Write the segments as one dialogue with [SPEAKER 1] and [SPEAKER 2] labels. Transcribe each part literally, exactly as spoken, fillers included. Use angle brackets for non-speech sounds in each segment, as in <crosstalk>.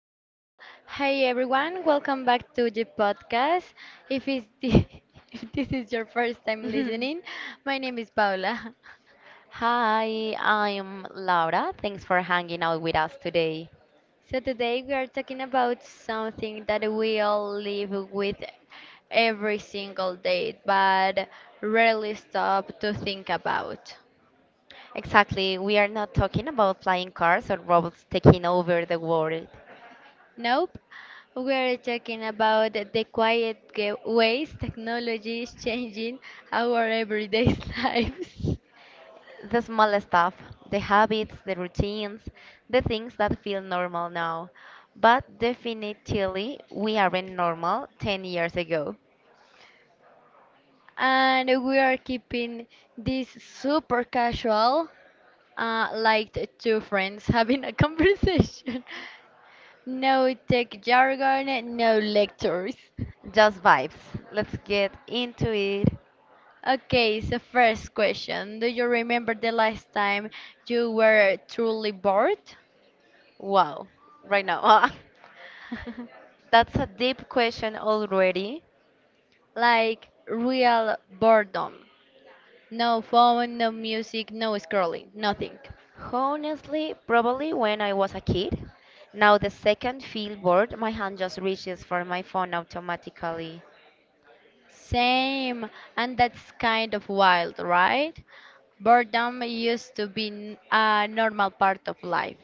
[SPEAKER 1] hello. Hi everyone. Welcome back to the podcast. If it's the, <laughs> If this is your first time listening,
[SPEAKER 2] <laughs>
[SPEAKER 1] my name is Paula. <laughs>
[SPEAKER 2] Hi, I'm Laura. Thanks for hanging out with us today.
[SPEAKER 1] So today we are talking about something that we all live with every single day, but rarely stop to think about.
[SPEAKER 2] Exactly, we are not talking about flying cars or robots taking over the world.
[SPEAKER 1] Nope. We are talking about the quiet ge- ways technology is changing our everyday <laughs> lives.
[SPEAKER 2] The small stuff, the habits, the routines, the things that feel normal now. But definitely, we aren't normal 10 years ago.
[SPEAKER 1] And we are keeping this super casual, uh, like t- two friends having a conversation. <laughs> No tech jargon, no lectures.
[SPEAKER 2] Just vibes. Let's get into it.
[SPEAKER 1] Okay, so first question. Do you remember the last time you were truly bored?
[SPEAKER 2] Wow, right now. <laughs>
[SPEAKER 1] <laughs>
[SPEAKER 2] That's a deep question already.
[SPEAKER 1] Like real boredom. No phone, no music, no scrolling, nothing.
[SPEAKER 2] Honestly, probably when I was a kid. Now the second feel bored, my hand just reaches for my phone automatically.
[SPEAKER 1] Same, and that's kind of wild, right? Boredom used to be n- a normal part of life.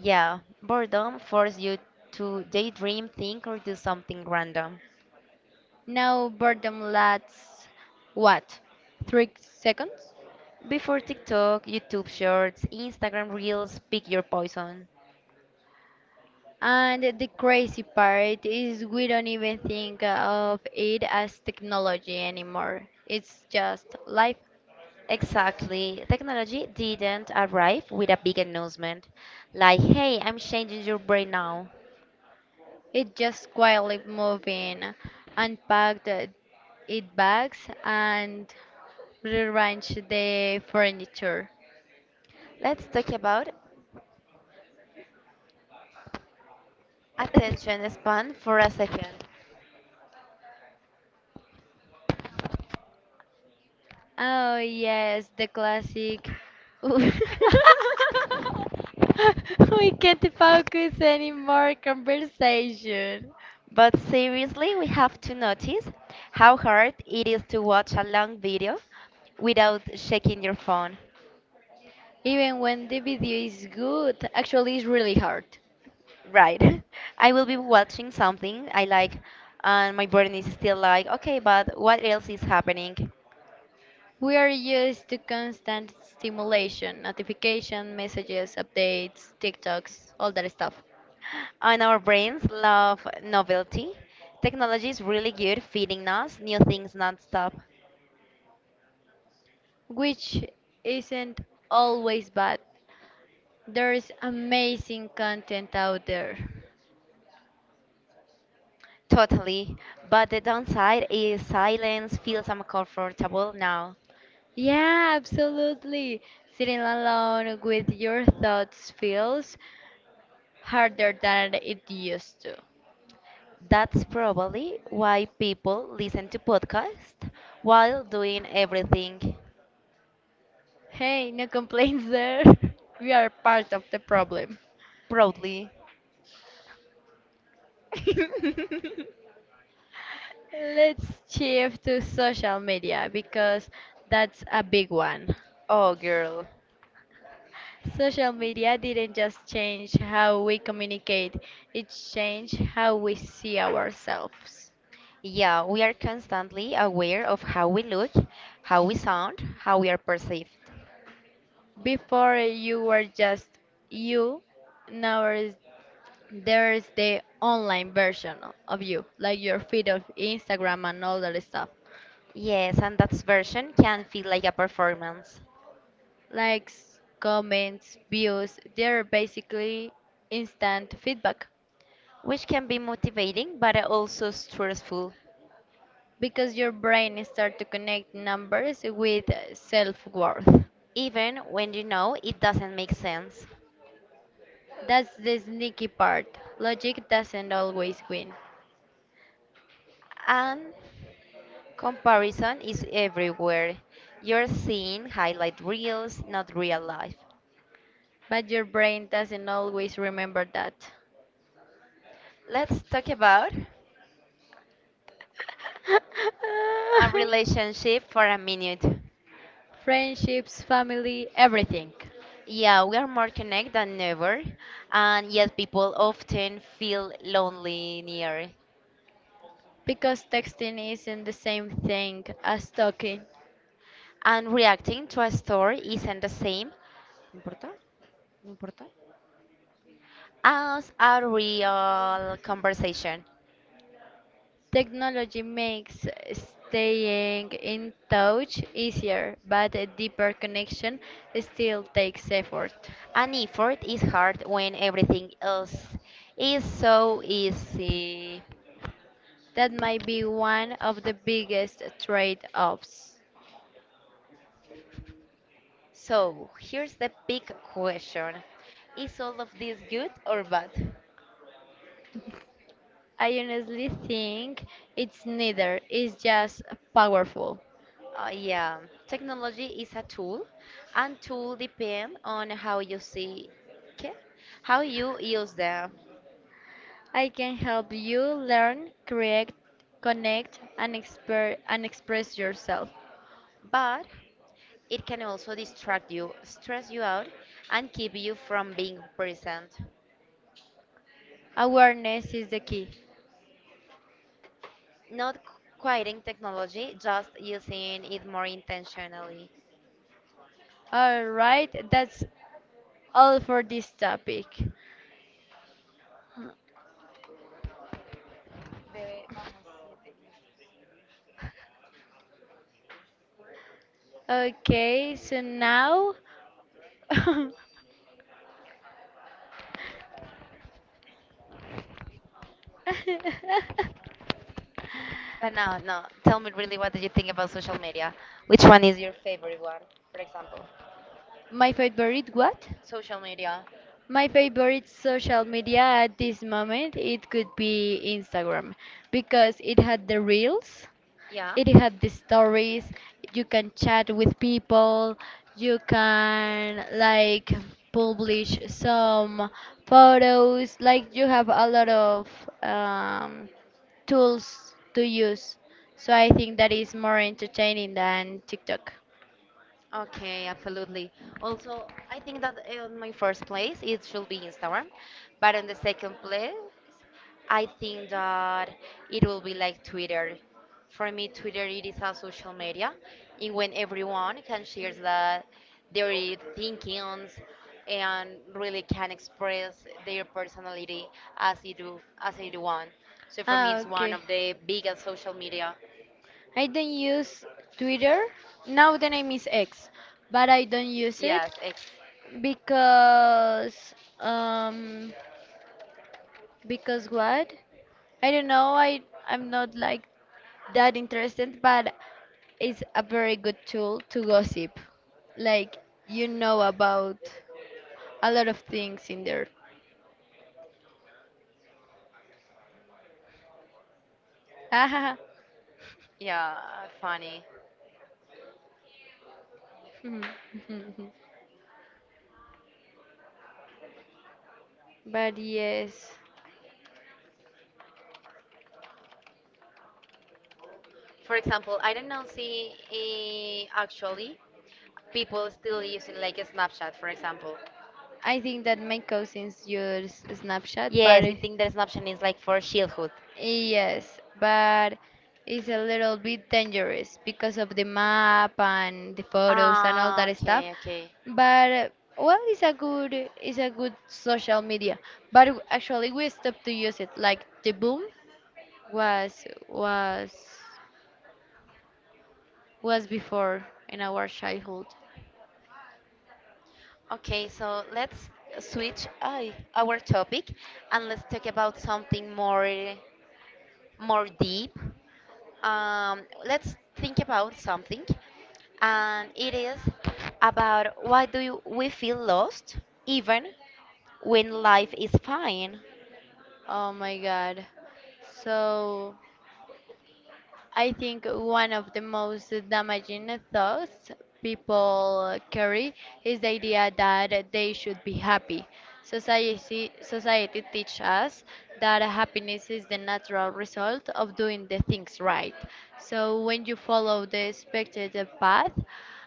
[SPEAKER 2] Yeah, boredom forces you to daydream, think, or do something random.
[SPEAKER 1] Now boredom lasts what? Three seconds?
[SPEAKER 2] Before TikTok, YouTube Shorts, Instagram Reels, pick your poison.
[SPEAKER 1] And the crazy part is we don't even think of it as technology anymore. It's just life.
[SPEAKER 2] Exactly. Technology didn't arrive with a big announcement like, hey, I'm changing your brain now.
[SPEAKER 1] It just quietly moving, unpacked it bags and rearrange the furniture.
[SPEAKER 2] Let's talk about attention span for a second.
[SPEAKER 1] Oh yes, the classic. <laughs> We can't focus anymore conversation.
[SPEAKER 2] <laughs> But seriously, we have to notice how hard it is to watch a long video without checking your phone.
[SPEAKER 1] Even when the video is good, actually it's really hard.
[SPEAKER 2] Right. <laughs> I will be watching something I like, and my brain is still like, okay, but what else is happening?
[SPEAKER 1] We are used to constant stimulation, notification, messages, updates, TikToks, all that stuff,
[SPEAKER 2] And our brains love novelty. Technology is really good feeding us new things nonstop.
[SPEAKER 1] which isn't always bad. There's amazing content out there.
[SPEAKER 2] Totally. But the downside is silence feels uncomfortable now.
[SPEAKER 1] Yeah, absolutely. Sitting alone with your thoughts feels harder than it used to.
[SPEAKER 2] That's probably why people listen to podcasts while doing everything
[SPEAKER 1] Hey, no complaints there. <laughs> We are part of the problem.
[SPEAKER 2] proudly. <laughs>
[SPEAKER 1] Let's shift to social media because that's a big one.
[SPEAKER 2] Oh, girl.
[SPEAKER 1] Social media didn't just change how we communicate, it changed how we see ourselves.
[SPEAKER 2] Yeah, we are constantly aware of how we look, how we sound, how we are perceived.
[SPEAKER 1] Before you were just you, now there is the online version o- of you, like your feed of Instagram and all that stuff.
[SPEAKER 2] Yes, and that version can feel like a performance,
[SPEAKER 1] Likes, comments, views, they're basically instant feedback
[SPEAKER 2] which can be motivating but also stressful,
[SPEAKER 1] because your brain starts to connect numbers with self worth.
[SPEAKER 2] even when you know it doesn't make sense.
[SPEAKER 1] That's the sneaky part. Logic doesn't always win,
[SPEAKER 2] And comparison is everywhere. You're seeing highlight reels, not real life.
[SPEAKER 1] but your brain doesn't always remember that.
[SPEAKER 2] Let's talk about
[SPEAKER 1] <laughs>
[SPEAKER 2] a relationship for a minute.
[SPEAKER 1] Friendships, family, everything.
[SPEAKER 2] Yeah, we are more connected than ever, and yet people often feel lonely near.
[SPEAKER 1] Because texting isn't the same thing as talking.
[SPEAKER 2] And reacting to a story isn't the same, ¿No importa? ¿No importa? As a real conversation.
[SPEAKER 1] Technology makes staying in touch easier, but a deeper connection still takes effort.
[SPEAKER 2] An effort is hard when everything else is so easy.
[SPEAKER 1] That might be one of the biggest trade offs.
[SPEAKER 2] So, here's the big question. Is all of this good or bad?
[SPEAKER 1] I honestly think it's neither, it's just powerful.
[SPEAKER 2] Uh, yeah, technology is a tool, and tool depend on how you see, okay? How you use them.
[SPEAKER 1] I can help you learn, create, connect, and, exper- and express yourself.
[SPEAKER 2] But it can also distract you, stress you out, and keep you from being present.
[SPEAKER 1] Awareness is the key.
[SPEAKER 2] Not qu- quitting technology, just using it more intentionally.
[SPEAKER 1] All right, that's all for this topic. Okay, so now. <laughs>
[SPEAKER 2] But now, no, tell me really, what do you think about social media? Which one is your favorite one, for example?
[SPEAKER 1] My favorite what?
[SPEAKER 2] Social media.
[SPEAKER 1] My favorite social media at this moment it could be Instagram because it had the reels,
[SPEAKER 2] Yeah.
[SPEAKER 1] it had the stories, you can chat with people, you can like publish some photos, like you have a lot of um, tools to use. So I think that is more entertaining than TikTok.
[SPEAKER 2] Okay, absolutely. Also, I think that in my first place it should be Instagram, but in the second place, I think that it will be like Twitter. For me, Twitter it is a social media in when everyone can share that their thinkings and really can express their personality as they do as they do want. So for me,
[SPEAKER 1] Ah,
[SPEAKER 2] it's one
[SPEAKER 1] okay.
[SPEAKER 2] of the biggest social media.
[SPEAKER 1] I don't use Twitter. Now the name is X, but I don't use it
[SPEAKER 2] Yes, ex.
[SPEAKER 1] because um because what? I don't know. I I'm not like that interested, but it's a very good tool to gossip. Like you know about a lot of things in there. <laughs>
[SPEAKER 2] Yeah, funny.
[SPEAKER 1] But yes.
[SPEAKER 2] For example, I don't know see eh, actually people still using like a Snapchat, for example.
[SPEAKER 1] I think that my cousins use Snapchat, but
[SPEAKER 2] Yes, I
[SPEAKER 1] yes,
[SPEAKER 2] think that
[SPEAKER 1] it-
[SPEAKER 2] Snapchat is like for
[SPEAKER 1] children.
[SPEAKER 2] childhood.
[SPEAKER 1] Yes, but it's a little bit dangerous because of the map and the photos and all
[SPEAKER 2] Ah,
[SPEAKER 1] that stuff.
[SPEAKER 2] okay, okay.
[SPEAKER 1] Okay. But uh, well, it's a good it's a good social media. But w- actually, we stopped to use it. Like the boom was was was before in our childhood.
[SPEAKER 2] Okay, so let's switch I our topic and let's talk about something more more deep. Um, let's think about something, and it is about why do you, we feel lost even when life is fine?
[SPEAKER 1] Oh my God. So. I think one of the most damaging thoughts people carry is the idea that they should be happy. Society, society teaches us that happiness is the natural result of doing the things right. So when you follow the expected path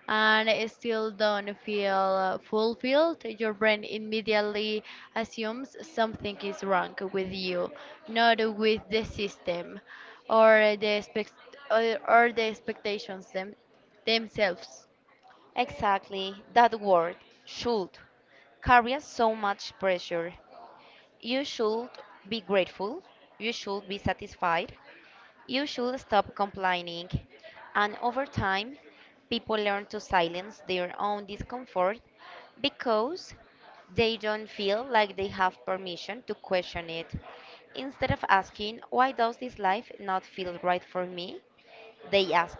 [SPEAKER 1] and still don't feel fulfilled, your brain immediately assumes something is wrong with you, not with the system or the expect or, or the expectations them, themselves.
[SPEAKER 2] Exactly, that word should carries so much pressure. You should be grateful. You should be satisfied. You should stop complaining, and over time, people learn to silence their own discomfort because they don't feel like they have permission to question it. Instead of asking, why does this life not feel right for me? They ask,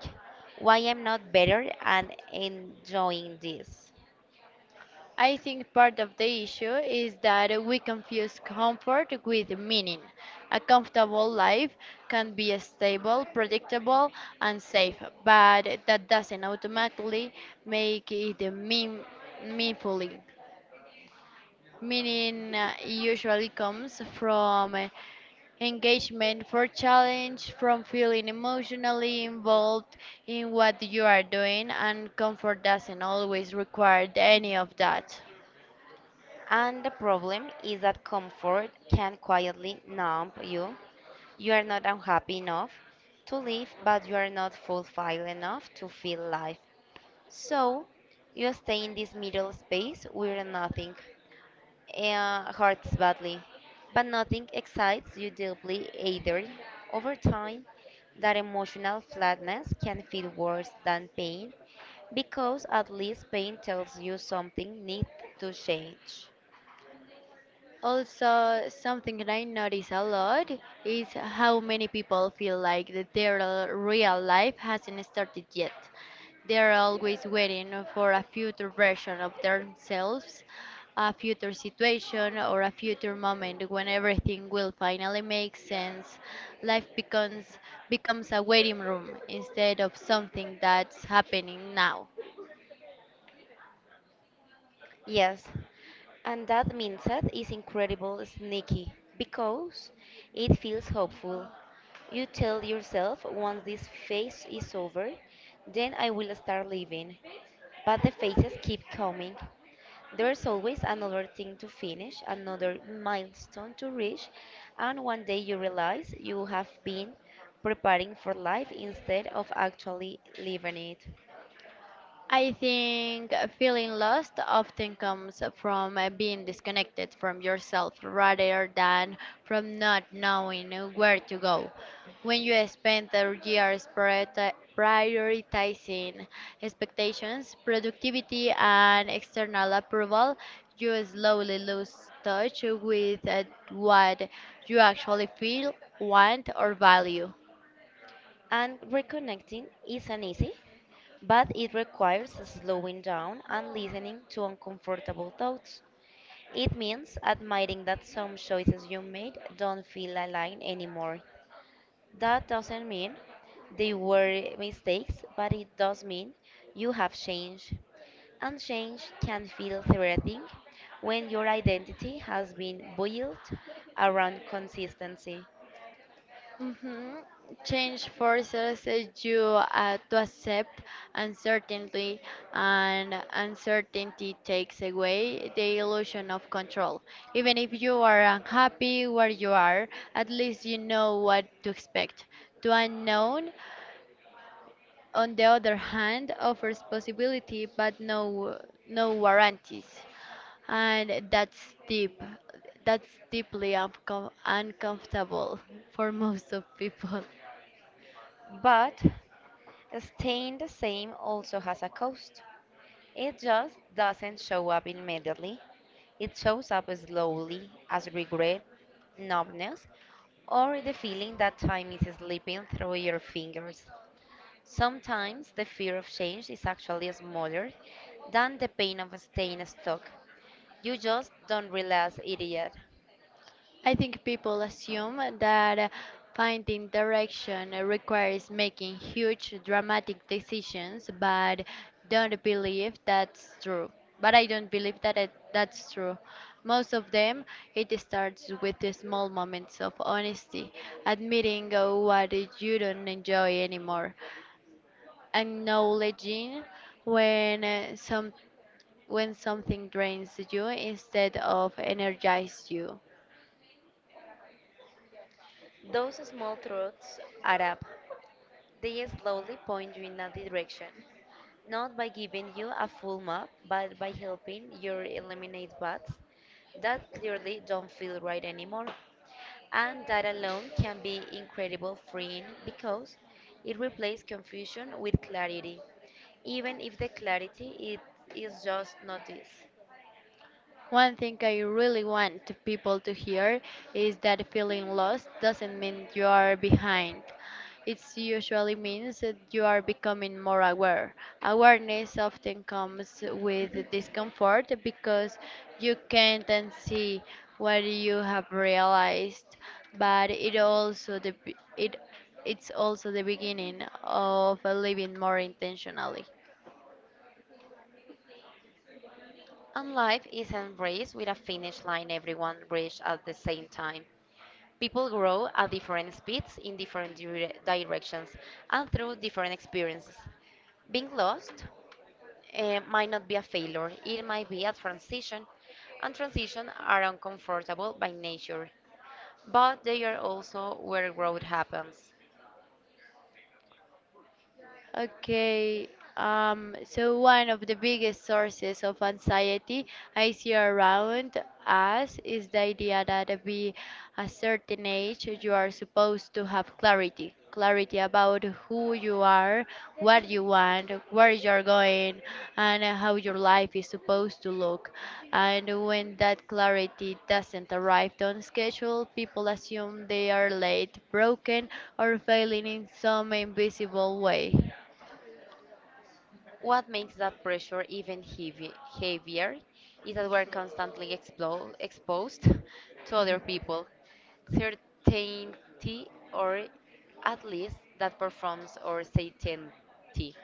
[SPEAKER 2] why am not better and enjoying this?
[SPEAKER 1] I think part of the issue is that we confuse comfort with meaning. A comfortable life can be stable, predictable, and safe, but that doesn't automatically make it mean, meaningful. Meaning uh, usually comes from uh, engagement for challenge from feeling emotionally involved in what you are doing and comfort doesn't always require any of that.
[SPEAKER 2] And the problem is that comfort can quietly numb you. You are not unhappy enough to live, but you are not fulfilled enough to feel life. So you stay in this middle space where nothing uh, hurts badly, but nothing excites you deeply either. Over time, that emotional flatness can feel worse than pain because at least pain tells you something needs to change.
[SPEAKER 1] Also, something that I notice a lot is how many people feel like that their uh, real life hasn't started yet. They're always waiting for a future version of themselves, a future situation, or a future moment when everything will finally make sense. Life becomes becomes a waiting room instead of something that's happening now.
[SPEAKER 2] Yes, and that mindset is incredible sneaky because it feels hopeful. You tell yourself once this phase is over, then I will start living. But the phases keep coming. There's always another thing to finish, another milestone to reach, and one day you realize you have been preparing for life instead of actually living it.
[SPEAKER 1] I think feeling lost often comes from uh, being disconnected from yourself rather than from not knowing where to go. When you spend the years priorita- prioritizing expectations, productivity, and external approval, you slowly lose touch with uh, what you actually feel, want, or value.
[SPEAKER 2] And reconnecting isn't easy, but it requires slowing down and listening to uncomfortable thoughts. It means admitting that some choices you made don't feel aligned anymore. That doesn't mean they were mistakes, but it does mean you have changed. And change can feel threatening when your identity has been built around consistency.
[SPEAKER 1] Hmm. Change forces you uh, to accept uncertainty, and uncertainty takes away the illusion of control. Even if you are unhappy where you are, at least you know what to expect. The unknown, on the other hand, offers possibility but no no warranties, and that's deep. That's deeply uncom uncomfortable for most of people.
[SPEAKER 2] But staying the same also has a cost. It just doesn't show up immediately. It shows up slowly as regret, numbness, or the feeling that time is slipping through your fingers. Sometimes the fear of change is actually smaller than the pain of staying stuck. You just don't realize it yet.
[SPEAKER 1] I think people assume that uh, finding direction requires making huge dramatic decisions, but don't believe that's true. But I don't believe that it, that's true. Most of them, it starts with the small moments of honesty, admitting uh, what you don't enjoy anymore, acknowledging when uh, some when something drains you instead of energizes you.
[SPEAKER 2] Those small truths add up. They slowly point you in a direction, not by giving you a full map, but by helping you eliminate paths that clearly don't feel right anymore. And that alone can be incredible freeing because it replaces confusion with clarity, even if the clarity it is just notice.
[SPEAKER 1] One thing I really want to people to hear is that feeling lost doesn't mean you are behind. It usually means that you are becoming more aware. Awareness often comes with discomfort because you can't unsee what you have realized, but it also the, it it's also the beginning of living more intentionally.
[SPEAKER 2] And life isn't race with a finish line everyone reach at the same time. People grow at different speeds in different dire- directions and through different experiences. Being lost eh, might not be a failure, it might be a transition, and transitions are uncomfortable by nature, but they are also where growth happens.
[SPEAKER 1] Okay, um, so one of the biggest sources of anxiety I see around us is the idea that at be a certain age you are supposed to have clarity, clarity, about who you are, what you want, where you're going, and how your life is supposed to look. And when that clarity doesn't arrive on schedule, people assume they are late, broken, or failing in some invisible way.
[SPEAKER 2] What makes that pressure even heavy, heavier is that we're constantly explo- exposed <laughs> to other people, certainty, or at least that performs or certainty.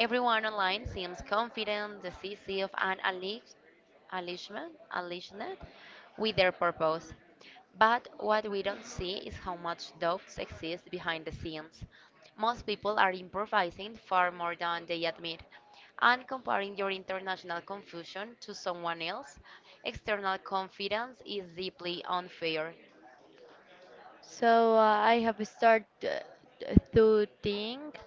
[SPEAKER 2] Everyone online seems confident, decisive, and unleash- unleashment, unleashed with their purpose. But what we don't see is how much doubts exist behind the scenes. Most people are improvising far more than they admit, and comparing your international confusion to someone else, external confidence is deeply unfair.
[SPEAKER 1] So uh, I have started uh, to think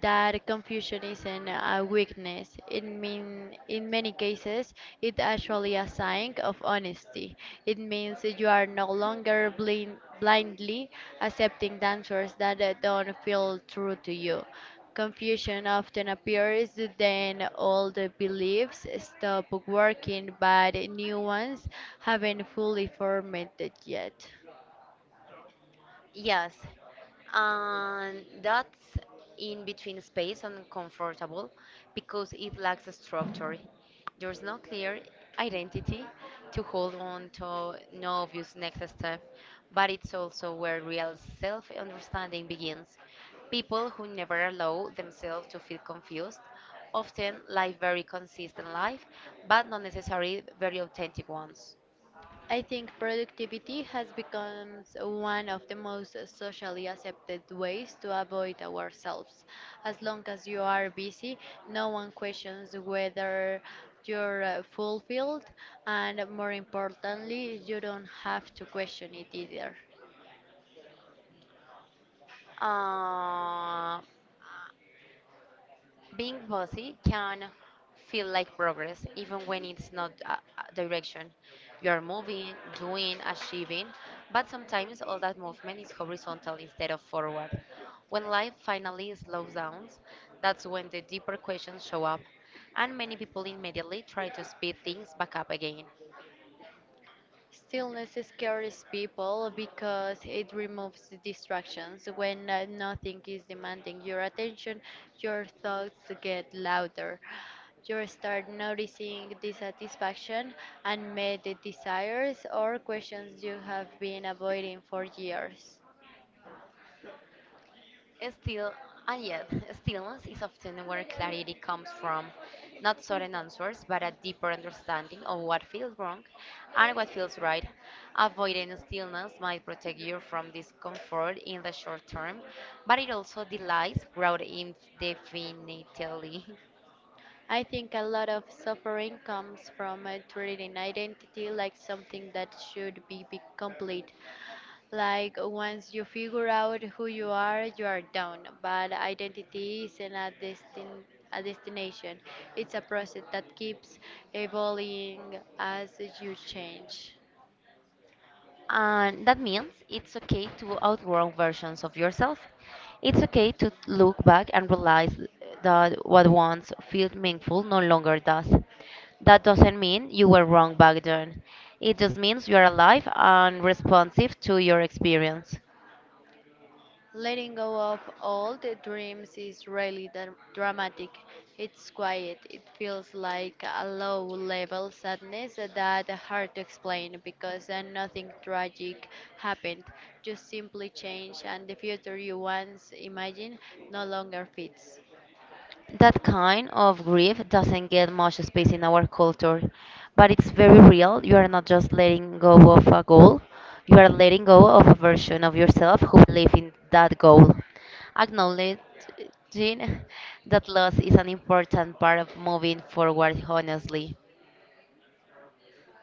[SPEAKER 1] that confusion isn't a weakness. It mean, in many cases, it actually a sign of honesty. It means that you are no longer blind, blindly accepting answers that uh, don't feel true to you. Confusion often appears then old beliefs stop working, but new ones haven't fully formed yet.
[SPEAKER 2] Yes, and that's in between space and comfortable because it lacks a structure. There's no clear identity to hold on to, no obvious next step, but it's also where real self understanding begins. People who never allow themselves to feel confused often live very consistent life, but not necessarily very authentic ones.
[SPEAKER 1] I think productivity has become one of the most socially accepted ways to avoid ourselves. As long as you are busy, no one questions whether you're uh, fulfilled, and more importantly, you don't have to question it either.
[SPEAKER 2] Uh, Being bossy can feel like progress, even when it's not a a direction. You are moving, doing, achieving, but sometimes all that movement is horizontal instead of forward. When life finally slows down, that's when the deeper questions show up, and many people immediately try to speed things back up again.
[SPEAKER 1] Stillness scares people because it removes the distractions. When uh, nothing is demanding your attention, your thoughts get louder. You start noticing dissatisfaction, unmet desires, or questions you have been avoiding for years.
[SPEAKER 2] Still, and yet, stillness is <laughs> often where clarity comes from, not sudden answers, but a deeper understanding of what feels wrong and what feels right. Avoiding stillness might protect you from discomfort in the short term, but it also delays growth indefinitely. <laughs>
[SPEAKER 1] I think a lot of suffering comes from uh, treating identity like something that should be, be complete. Like once you figure out who you are, you are done. But identity isn't a destin a destination. It's a process that keeps evolving as you change.
[SPEAKER 2] And that means it's okay to outgrow versions of yourself. It's okay to look back and realize that what once felt meaningful no longer does. That doesn't mean you were wrong back then. It just means you are alive and responsive to your experience.
[SPEAKER 1] Letting go of all the dreams is really dra- dramatic. It's quiet. It feels like a low level sadness that hard to explain because uh, nothing tragic happened. Just simply change and the future you once imagined no longer fits.
[SPEAKER 2] That kind of grief doesn't get much space in our culture, but it's very real. You are not just letting go of a goal, you are letting go of a version of yourself who believed in that goal. Acknowledging that loss is an important part of moving forward honestly,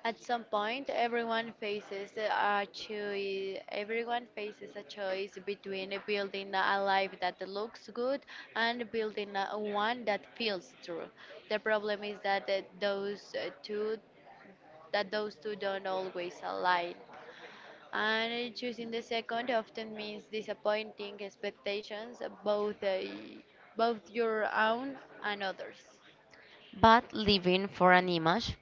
[SPEAKER 1] At some point, everyone faces a choice. Everyone faces a choice between building a life that looks good and building a, one that feels true. The problem is that uh, those uh, two, that those two don't always align. And choosing the second often means disappointing expectations, both uh, both your own and others.
[SPEAKER 2] but living for an image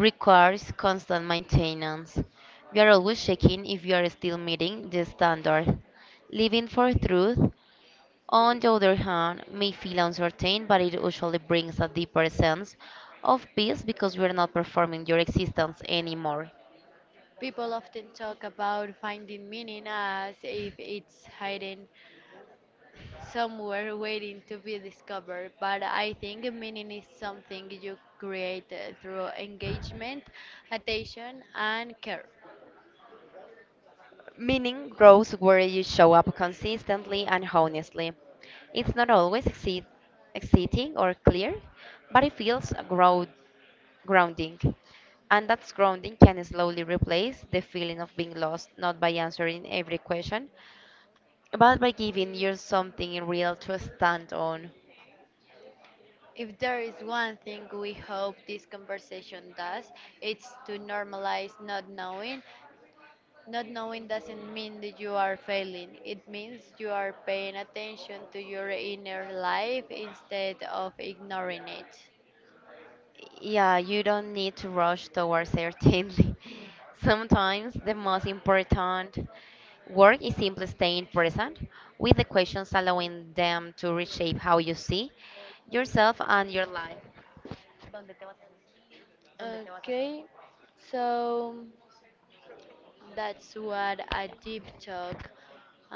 [SPEAKER 2] requires constant maintenance. We are always checking if we are still meeting the standard. Living for truth on the other hand, may feel uncertain, but it usually brings a deeper sense of peace because you are not performing your existence anymore.
[SPEAKER 1] People often talk about finding meaning as if it's hidden somewhere waiting to be discovered, but I think meaning is something you create uh, through engagement, attention, and care.
[SPEAKER 2] Meaning grows where you show up consistently and honestly. It's not always exci- exciting or clear, but it feels grow- grounding. And that grounding can slowly replace the feeling of being lost, not by answering every question, but by giving you something real to stand on.
[SPEAKER 1] If there is one thing we hope this conversation does, it's to normalize not knowing. Not knowing doesn't mean that you are failing. It means you are paying attention to your inner life instead of ignoring it.
[SPEAKER 2] Yeah, you don't need to rush towards certainty. <laughs> Sometimes the most important work is simply staying present with the questions, allowing them to reshape how you see yourself and your life. ¿Dónde te vas a hacer? ¿Dónde te vas a hacer?
[SPEAKER 1] Okay, so that's what a deep talk.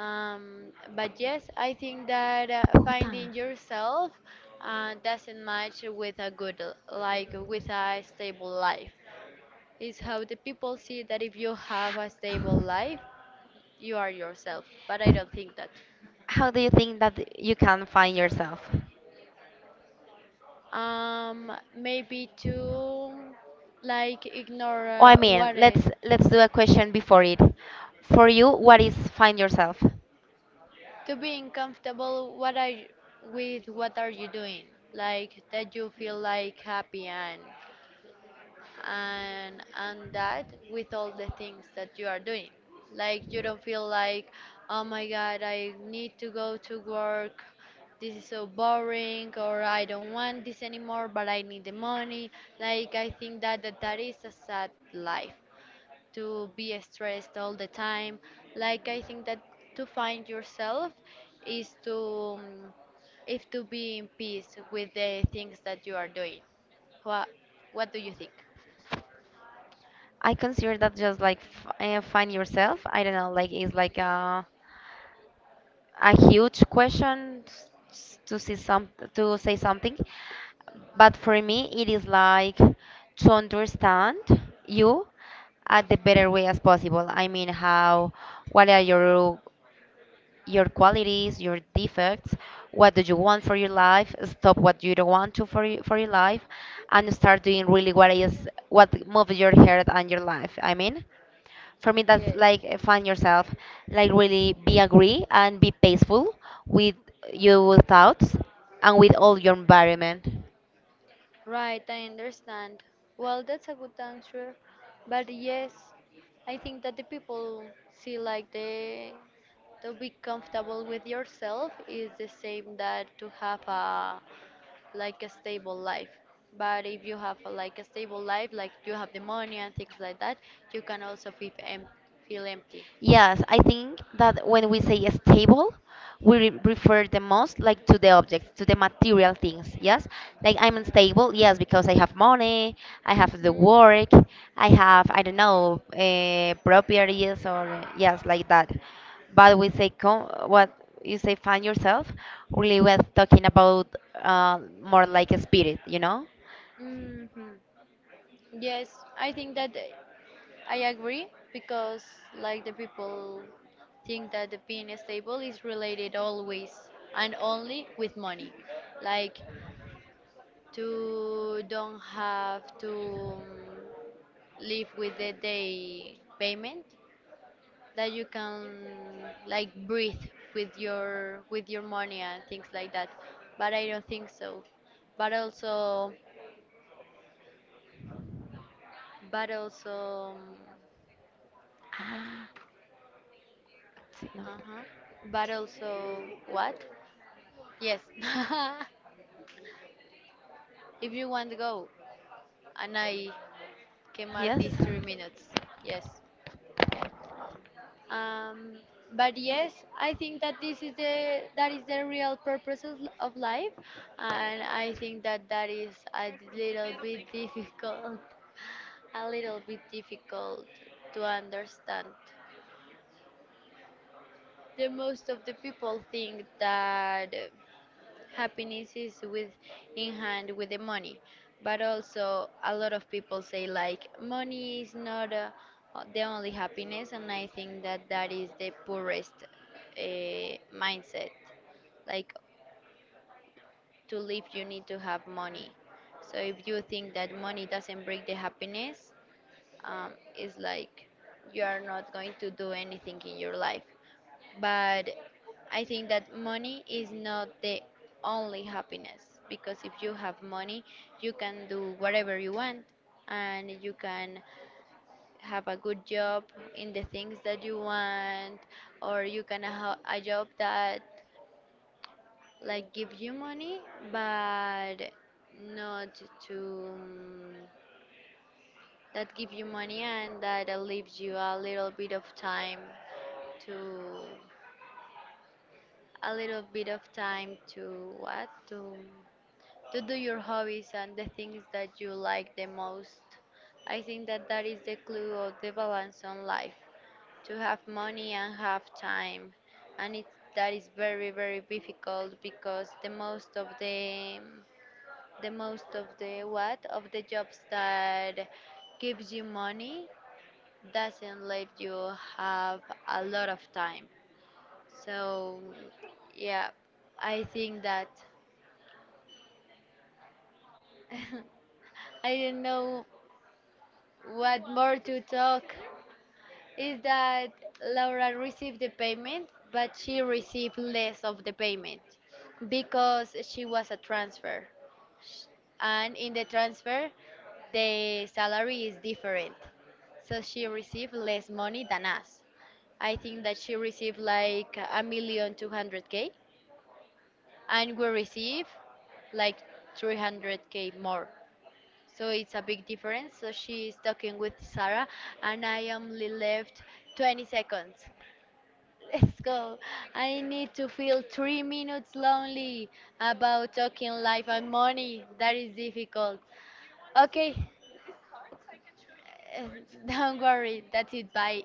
[SPEAKER 1] Um, but yes, I think that uh,
[SPEAKER 2] Puta.
[SPEAKER 1] finding yourself uh, doesn't match with a good, l- like with a stable life. It's how the people see that if you have a stable life, you are yourself. But I don't think that.
[SPEAKER 2] How do you think that you can find yourself?
[SPEAKER 1] Um, maybe to like ignore
[SPEAKER 2] Oh, I
[SPEAKER 1] uh,
[SPEAKER 2] mean,
[SPEAKER 1] what is,
[SPEAKER 2] let's let's do a question before it. For you, what is find yourself?
[SPEAKER 1] to being comfortable. What are you, with what are you doing? Like that you feel like happy and and and that with all the things that you are doing. Like you don't feel like, oh my God, I need to go to work, this is so boring, or I don't want this anymore, but I need the money. Like I think that that, that is a sad life, to be stressed all the time. Like I think that to find yourself is to um, if to be in peace with the things that you are doing. What what do you think?
[SPEAKER 2] I consider that just like f- uh, find yourself. I don't know, like it's like a a huge question s- s- to see some to say something, but for me it is like to understand you at the better way as possible. I mean, how, what are your your qualities, your defects, what do you want for your life? Stop what you don't want to for your, for your life, and start doing really what is what moves your heart and your life. I mean for me that's like
[SPEAKER 1] Yes.
[SPEAKER 2] uh, find yourself, like really be agree and be peaceful with your thoughts and with all your environment.
[SPEAKER 1] Right, I understand. Well, that's a good answer. But yes, I think that the people see like the to be comfortable with yourself is the same that to have a like a stable life. But if you have a, like a stable life, like you have the money and things like that, you can also feel em- feel empty.
[SPEAKER 2] Yes, I think that when we say stable, we re refer the most like to the objects, to the material things. Yes, like I'm unstable. Yes, because I have money, I have the work, I have I don't know uh, properties or yes like that. But we say com what you say find yourself. Really, we're talking about uh, more like a spirit, you know?
[SPEAKER 1] Hmm. Yes, I think that. uh, I agree because like the people think that the being stable is related always and only with money. Like to don't have to um, live with the day payment that you can like breathe with your with your money and things like that. But I don't think so. But also but also
[SPEAKER 2] Ah, sí, no.
[SPEAKER 1] um, uh-huh. But also what? Yes. <laughs> If you want to go, and I quemar
[SPEAKER 2] Yes.
[SPEAKER 1] these three minutes. Yes. Um, but yes, I think that this is the that is the real purpose of, of life, and I think that that is a little bit difficult, a little bit difficult to understand. The most of the people think that happiness is with in hand with the money, but also a lot of people say like money is not uh, the only happiness. And I think that that is the poorest uh, mindset. Like to live you need to have money. So if you think that money doesn't bring the happiness, um, it's like you are not going to do anything in your life. But I think that money is not the only happiness because if you have money, you can do whatever you want and you can have a good job in the things that you want, or you can have a job that like give you money, but not to that give you money and that leaves you a little bit of time to a little bit of time to what to to do your hobbies and the things that you like the most. I think that that is the clue of the balance on life, to have money and have time, and it that is very very difficult because the most of the the most of the what of the jobs that gives you money doesn't let you have a lot of time. So, yeah, I think that. <laughs> I don't know what more to talk. Is that Laura received the payment, but she received less of the payment because she was a transfer. Sh- And in the transfer, the salary is different. So she received less money than us. I think that she received like a million two hundred K and we receive like three hundred k more. So it's a big difference. So she is talking with Sarah, and I am only left twenty seconds. <laughs> Let's go. I need to feel three minutes lonely about talking life and money. That is difficult. Okay, <laughs> don't worry. That's it. Bye.